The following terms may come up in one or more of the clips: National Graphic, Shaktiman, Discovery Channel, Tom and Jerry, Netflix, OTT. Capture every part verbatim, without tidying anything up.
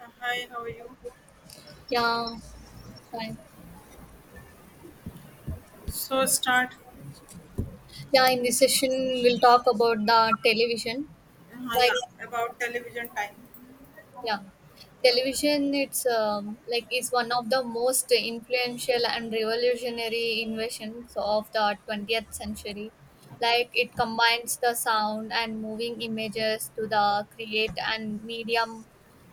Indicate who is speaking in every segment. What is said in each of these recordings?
Speaker 1: Uh, Hi, how are you?
Speaker 2: Yeah, fine.
Speaker 1: So start.
Speaker 2: Yeah, in this session we'll talk about the television.
Speaker 1: Uh,
Speaker 2: Like,
Speaker 1: yeah, about television time.
Speaker 2: yeah, television. It's um, like is one of the most influential and revolutionary inventions of the twentieth century. Like, it combines the sound and moving images to the create and medium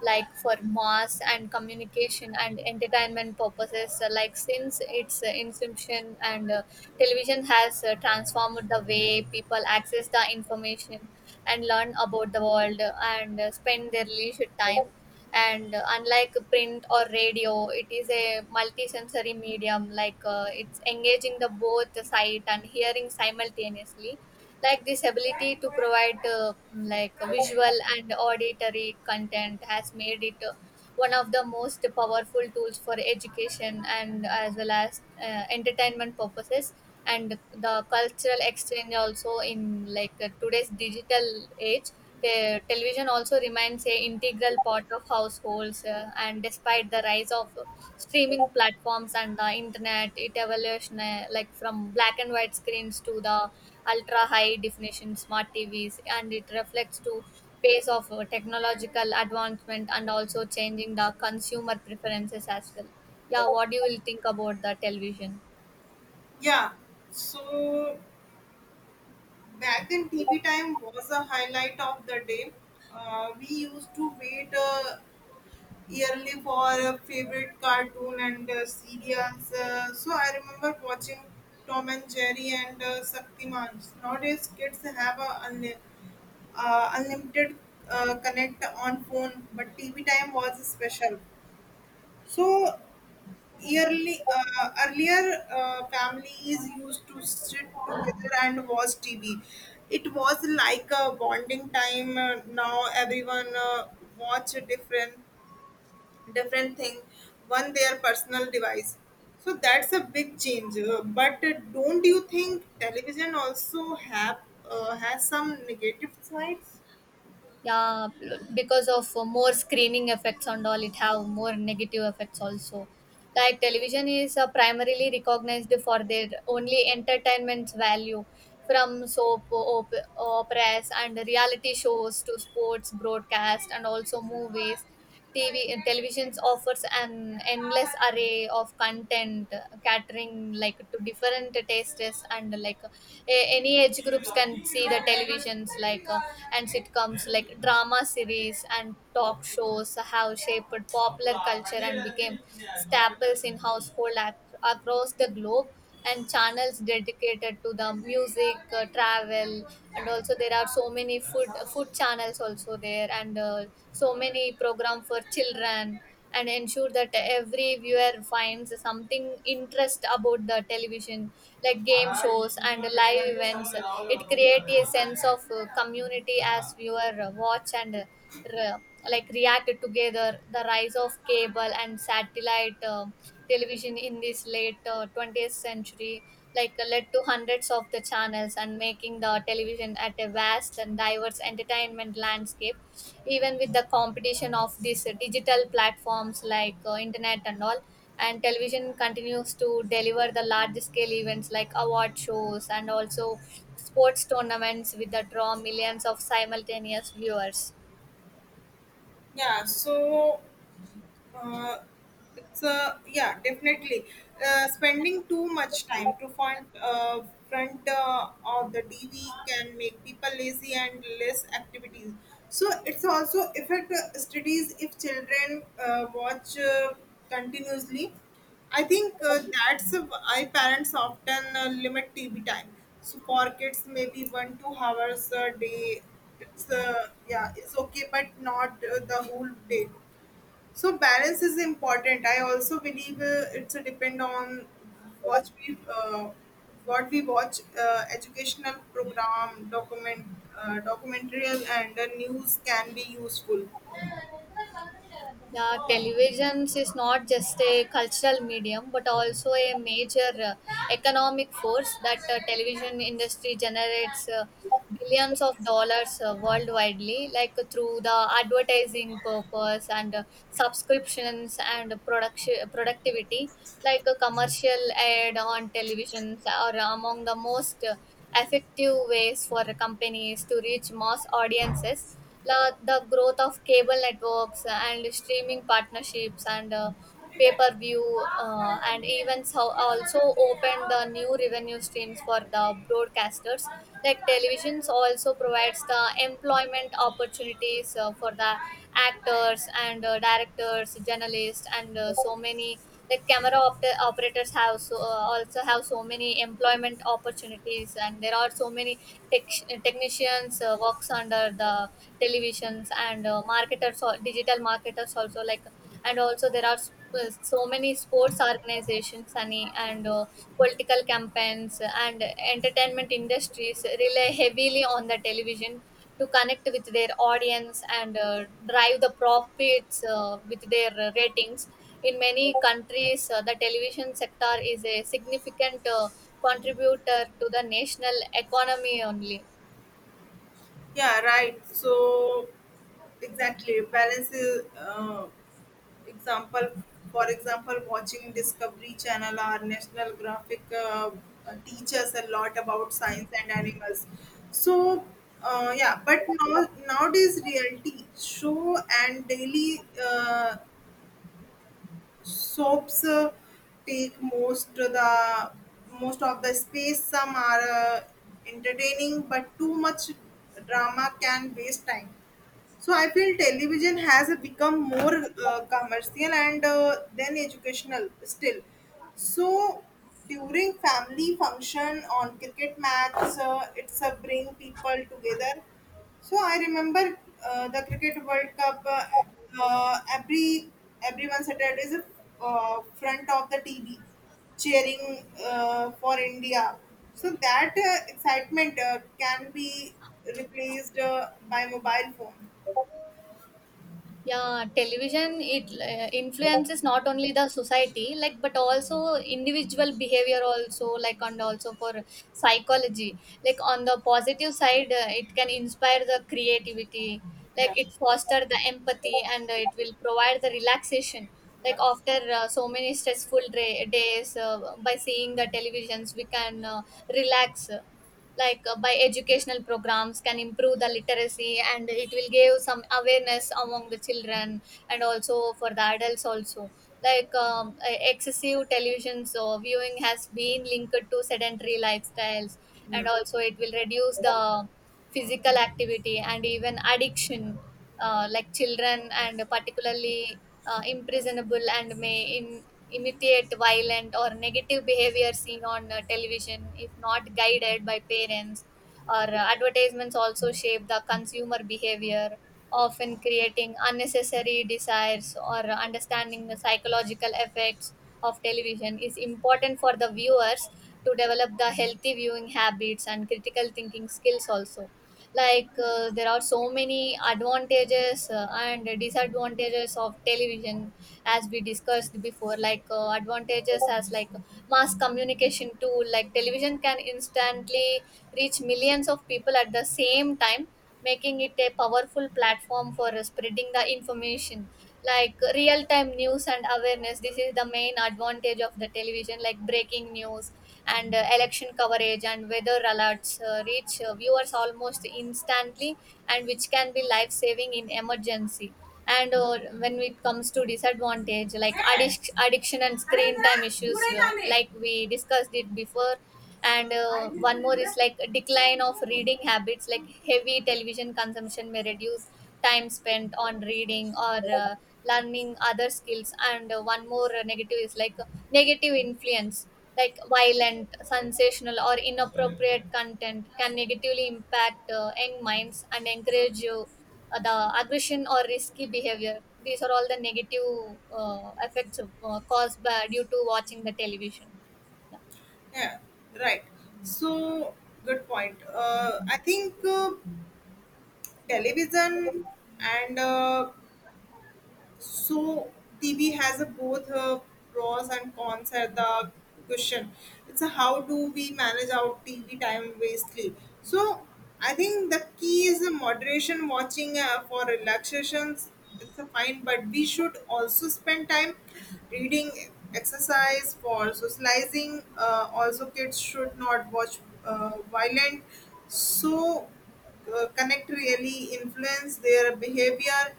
Speaker 2: like for mass and communication and entertainment purposes, uh, like since its uh, inception and uh, television has uh, transformed the way people access the information and learn about the world, uh, and uh, spend their leisure time and uh, unlike print or radio, it is a multisensory medium, like uh, it's engaging the both sight and hearing simultaneously. Like, this ability to provide, uh, like, visual and auditory content has made it, uh, one of the most powerful tools for education and as well as uh, entertainment purposes, and the cultural exchange also. In like uh, today's digital age, the television also remains a integral part of households, uh, and despite the rise of streaming platforms and the internet, it evolution, uh, like from black and white screens to the ultra high definition smart T Vs, and it reflects to pace of uh, technological advancement and also changing the consumer preferences as well. Yeah, what do you will think about the television?
Speaker 1: Yeah, so back then T V time was a highlight of the day. Uh, we used to wait uh, yearly for a favorite cartoon and uh, serials. Uh, so I remember watching Tom and Jerry and uh, Shaktiman. Nowadays, kids have a unli- uh, unlimited uh, connect on phone, but T V time was special. So Early, uh, earlier, uh, families used to sit together and watch T V. It was like a bonding time. Uh, now everyone uh, watch a different different thing on their personal device. So that's a big change. Uh, but uh, don't you think television also have uh, has some negative sides?
Speaker 2: Yeah, because of uh, more screening effects and all, it have more negative effects also. Like, television is uh, primarily recognized for their only entertainment value. From soap op- operas and reality shows to sports broadcast and also movies, T V televisions offers an endless array of content, uh, catering like to different tastes, and like a- any age groups can see the televisions like. Uh, and sitcoms like drama series and talk shows have shaped popular culture and became staples in household ac- across the globe, and channels dedicated to the music, uh, travel, and also there are so many food food channels also there, and uh, so many program for children and ensure that every viewer finds something interest about the television. Like game shows and live events, it creates a sense of uh, community as viewer watch and re- like reacted together. The rise of cable and satellite uh, television in this late uh, twentieth century, like uh, led to hundreds of the channels and making the television at a vast and diverse entertainment landscape. Even with the competition of these uh, digital platforms, like uh, internet and all, and television continues to deliver the large scale events like award shows, and also sports tournaments with the draw millions of simultaneous viewers.
Speaker 1: Yeah, so Uh, it's uh, yeah, definitely. Uh, spending too much time to front uh, front uh, of the T V can make people lazy and less activities. So it's also affect uh, studies if children uh, watch uh, continuously. I think uh, that's why parents often uh, limit T V time. So for kids, maybe one two hours a day. It's uh, yeah, it's okay, but not uh, the whole day, so balance is important. I also believe uh, it's a depend on what we uh, what we watch. Uh, educational program, document uh, documentary, and the news can be useful.
Speaker 2: Yeah, televisions is not just a cultural medium but also a major uh, economic force. That uh, television industry generates uh, billions of dollars uh, worldwide, like uh, through the advertising purpose and uh, subscriptions and production productivity. Like, a commercial ad on televisions are among the most uh, effective ways for companies to reach mass audiences. La, the growth of cable networks and streaming partnerships, and uh, pay-per-view uh, and events have also opened the new revenue streams for the broadcasters. Like, televisions also provides the employment opportunities uh, for the actors and uh, directors, journalists, and uh, so many like camera op- operators have so uh, also have so many employment opportunities, and there are so many tech- technicians uh, works under the televisions, and uh, marketers or digital marketers also like, and also there are sp- so many sports organizations Sunny, and uh, political campaigns and entertainment industries rely heavily on the television to connect with their audience and uh, drive the profits uh, with their uh, ratings. In many countries, uh, the television sector is a significant uh, contributor to the national economy only.
Speaker 1: Yeah, right, so exactly balance is uh, Example, for example, watching Discovery Channel or National Graphic uh, teach us a lot about science and animals. So, uh, yeah, but now nowadays reality show and daily uh, soaps uh, take most the most of the space. Some are uh, entertaining, but too much drama can waste time. So I feel television has become more uh, commercial and uh, then educational still. So during family function on cricket match, uh, it's a bring people together. So I remember uh, the cricket World Cup. Uh, uh, every everyone seated is uh, front of the T V, cheering uh, for India. So that uh, excitement uh, can be replaced uh, by mobile phone.
Speaker 2: Yeah, television, it uh, influences not only the society like but also individual behavior also like, and also for psychology. Like, on the positive side, uh, it can inspire the creativity, like
Speaker 1: Yeah.
Speaker 2: it foster the empathy, and uh, it will provide the relaxation. Like
Speaker 1: Yeah.
Speaker 2: after uh, so many stressful dra- days, uh, by seeing the televisions we can uh, relax. Like uh, by educational programs can improve the literacy, and it will give some awareness among the children, and also for the adults also. Like um, uh, excessive television so viewing has been linked to sedentary lifestyles, and
Speaker 1: Yeah.
Speaker 2: also it will reduce the physical activity and even addiction. Uh, like children and particularly uh, imprisonable and may in, imitate violent or negative behavior seen on uh, television if not guided by parents, or uh, advertisements also shape the consumer behavior, often creating unnecessary desires, or uh, understanding the psychological effects of television is important for the viewers to develop the healthy viewing habits and critical thinking skills also. Like uh, there are so many advantages uh, and disadvantages of television as we discussed before. Like uh, advantages as like mass communication tool, like television can instantly reach millions of people at the same time, making it a powerful platform for uh, spreading the information, like real time news and awareness. This is the main advantage of the television, like breaking news, and uh, election coverage and weather alerts uh, reach uh, viewers almost instantly, and which can be life saving in emergency. And uh, when it comes to disadvantage, like addic- addiction and screen time issues, uh, like we discussed it before. And uh, one more is like a decline of reading habits, like heavy television consumption may reduce time spent on reading, or uh, learning other skills. And uh, one more negative is like negative influence, like violent, sensational, or inappropriate content can negatively impact uh, young minds and encourage uh, the aggression or risky behavior. These are all the negative uh, effects uh, caused by due to watching the television. Yeah,
Speaker 1: Yeah, right. So, good point. Uh, I think uh, television and uh, So T V has a, both uh, pros and cons at the question. It's a how do we manage our T V time wastely? So I think the key is the moderation watching uh, for relaxations. It's a fine, but we should also spend time reading, exercise, for socializing. Uh, also, kids should not watch uh, violent. So uh, connect really influence their behavior.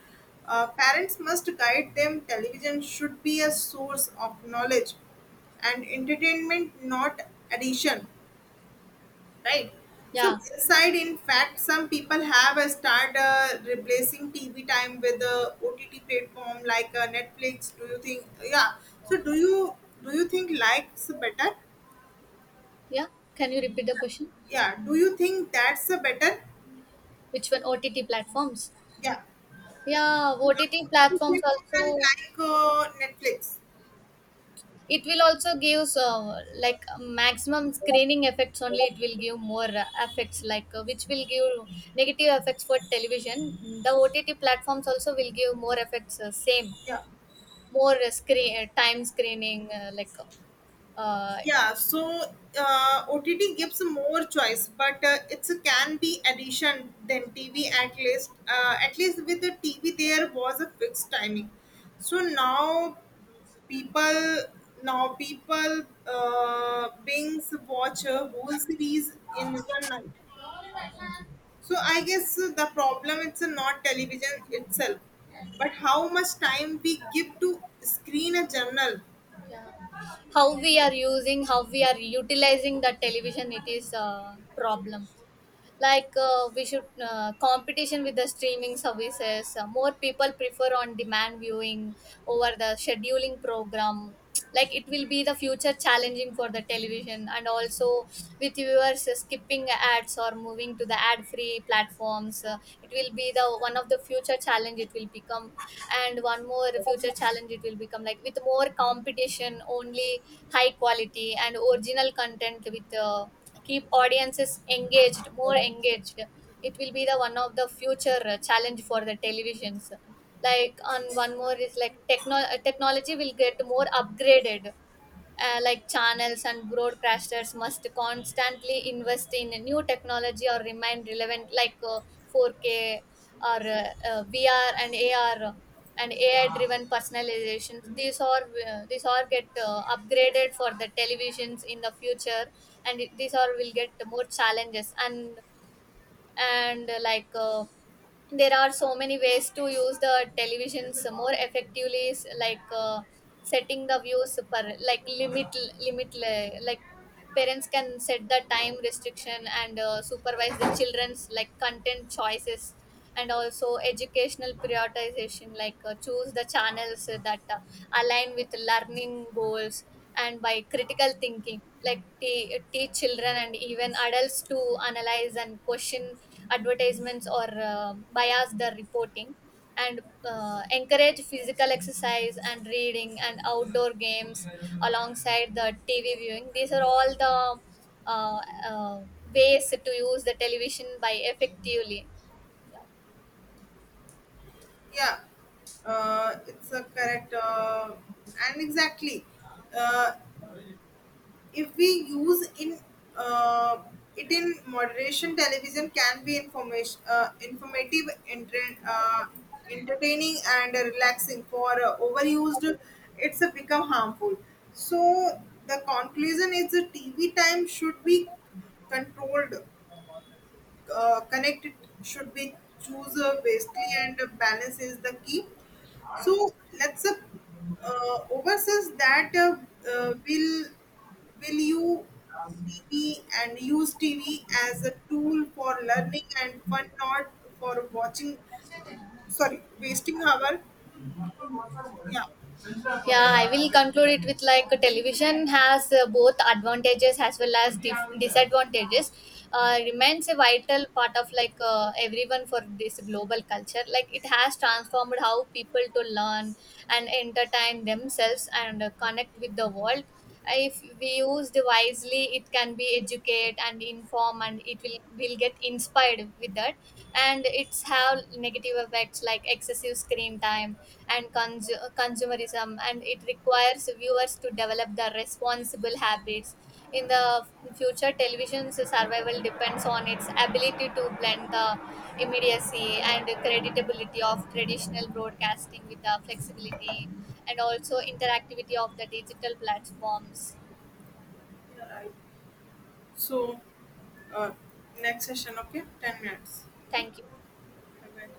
Speaker 1: Uh, parents must guide them. Television should be a source of knowledge and entertainment, not addition. Right. So,
Speaker 2: yeah.
Speaker 1: inside, in fact, some people have uh, started uh, replacing T V time with the O T T platform like uh, Netflix. Do you think? Yeah. So, do you do you think likes better?
Speaker 2: Yeah. Can you repeat the question?
Speaker 1: Yeah. Do you think that's a better?
Speaker 2: Which one? O T T platforms?
Speaker 1: Yeah.
Speaker 2: Yeah, O T T platforms
Speaker 1: O T T platform and
Speaker 2: also.
Speaker 1: like uh, Netflix.
Speaker 2: It will also give, uh, like maximum screening effects only. It will give more uh, effects, like uh, which will give negative effects for television. The ott platforms also will give more effects uh, same,
Speaker 1: Yeah,
Speaker 2: more uh, screen uh, time screening uh, like uh,
Speaker 1: yeah. So uh, O T T gives more choice, but uh, it's a can be addition than T V at least. Uh, at least with the T V, there was a fixed timing. So now people now people uh, binge watch a whole series in one night. So I guess the problem it's not television itself, but how much time we give to screen a journal.
Speaker 2: yeah. How we are using, how we are utilizing the television, it is a problem. Like uh, we should uh, competition with the streaming services, uh, more people prefer on demand viewing over the scheduling program, like it will be the future challenging for the television. And also with viewers uh, skipping ads or moving to the ad free platforms, uh, it will be the one of the future challenge it will become. And one more future challenge it will become, like with more competition only, high quality and original content with uh, keep audiences engaged more engaged, it will be the one of the future uh, challenge for the televisions. Like on one more is like techno- uh, technology will get more upgraded, uh, like channels and broadcasters must constantly invest in a new technology or remain relevant, like uh, four k, or uh, uh, v r and a r and a i driven personalization. These are, uh, these are get uh, upgraded for the televisions in the future, and it- these are will get more challenges. And and uh, like uh, there are so many ways to use the televisions more effectively. S- like uh, setting the views per like limit, limit le- like parents can set the time restriction, and uh, supervise the children's like content choices. And also educational prioritization, like uh, choose the channels that uh, align with learning goals. And by critical thinking, like te- teach children and even adults to analyze and question advertisements, or uh, bias the reporting. And uh, encourage physical exercise and reading and outdoor games alongside the T V viewing. These are all the uh, uh, ways to use the television by effectively.
Speaker 1: Yeah, uh, it's a correct uh, and exactly uh, if we use in, uh, it in moderation, television can be information, uh, informative, enter- uh, entertaining and relaxing, for uh, overused it's a become harmful. So the conclusion is the TV time should be controlled, uh, connected, should be choose uh, basically, and balance is the key. So let's uh, uh, overseas that uh, uh, will will you T V and use T V as a tool for learning and fun, not for watching. Sorry, wasting our, yeah.
Speaker 2: Yeah, I will conclude it with like television has uh, both advantages as well as dif- disadvantages. Uh, remains a vital part of like uh, everyone for this global culture. Like it has transformed how people to learn and entertain themselves and uh, connect with the world. If we used wisely, it can be educate and inform, and it will will get inspired with that. And it's have negative effects like excessive screen time, and consu- consumerism, and it requires viewers to develop the responsible habits in the future. Television's survival depends on its ability to blend the immediacy and creditability of traditional broadcasting with the flexibility and also interactivity of the digital platforms.
Speaker 1: Yeah, right. So uh, next session, okay, ten minutes. Okay,
Speaker 2: Thank you.
Speaker 1: bye bye.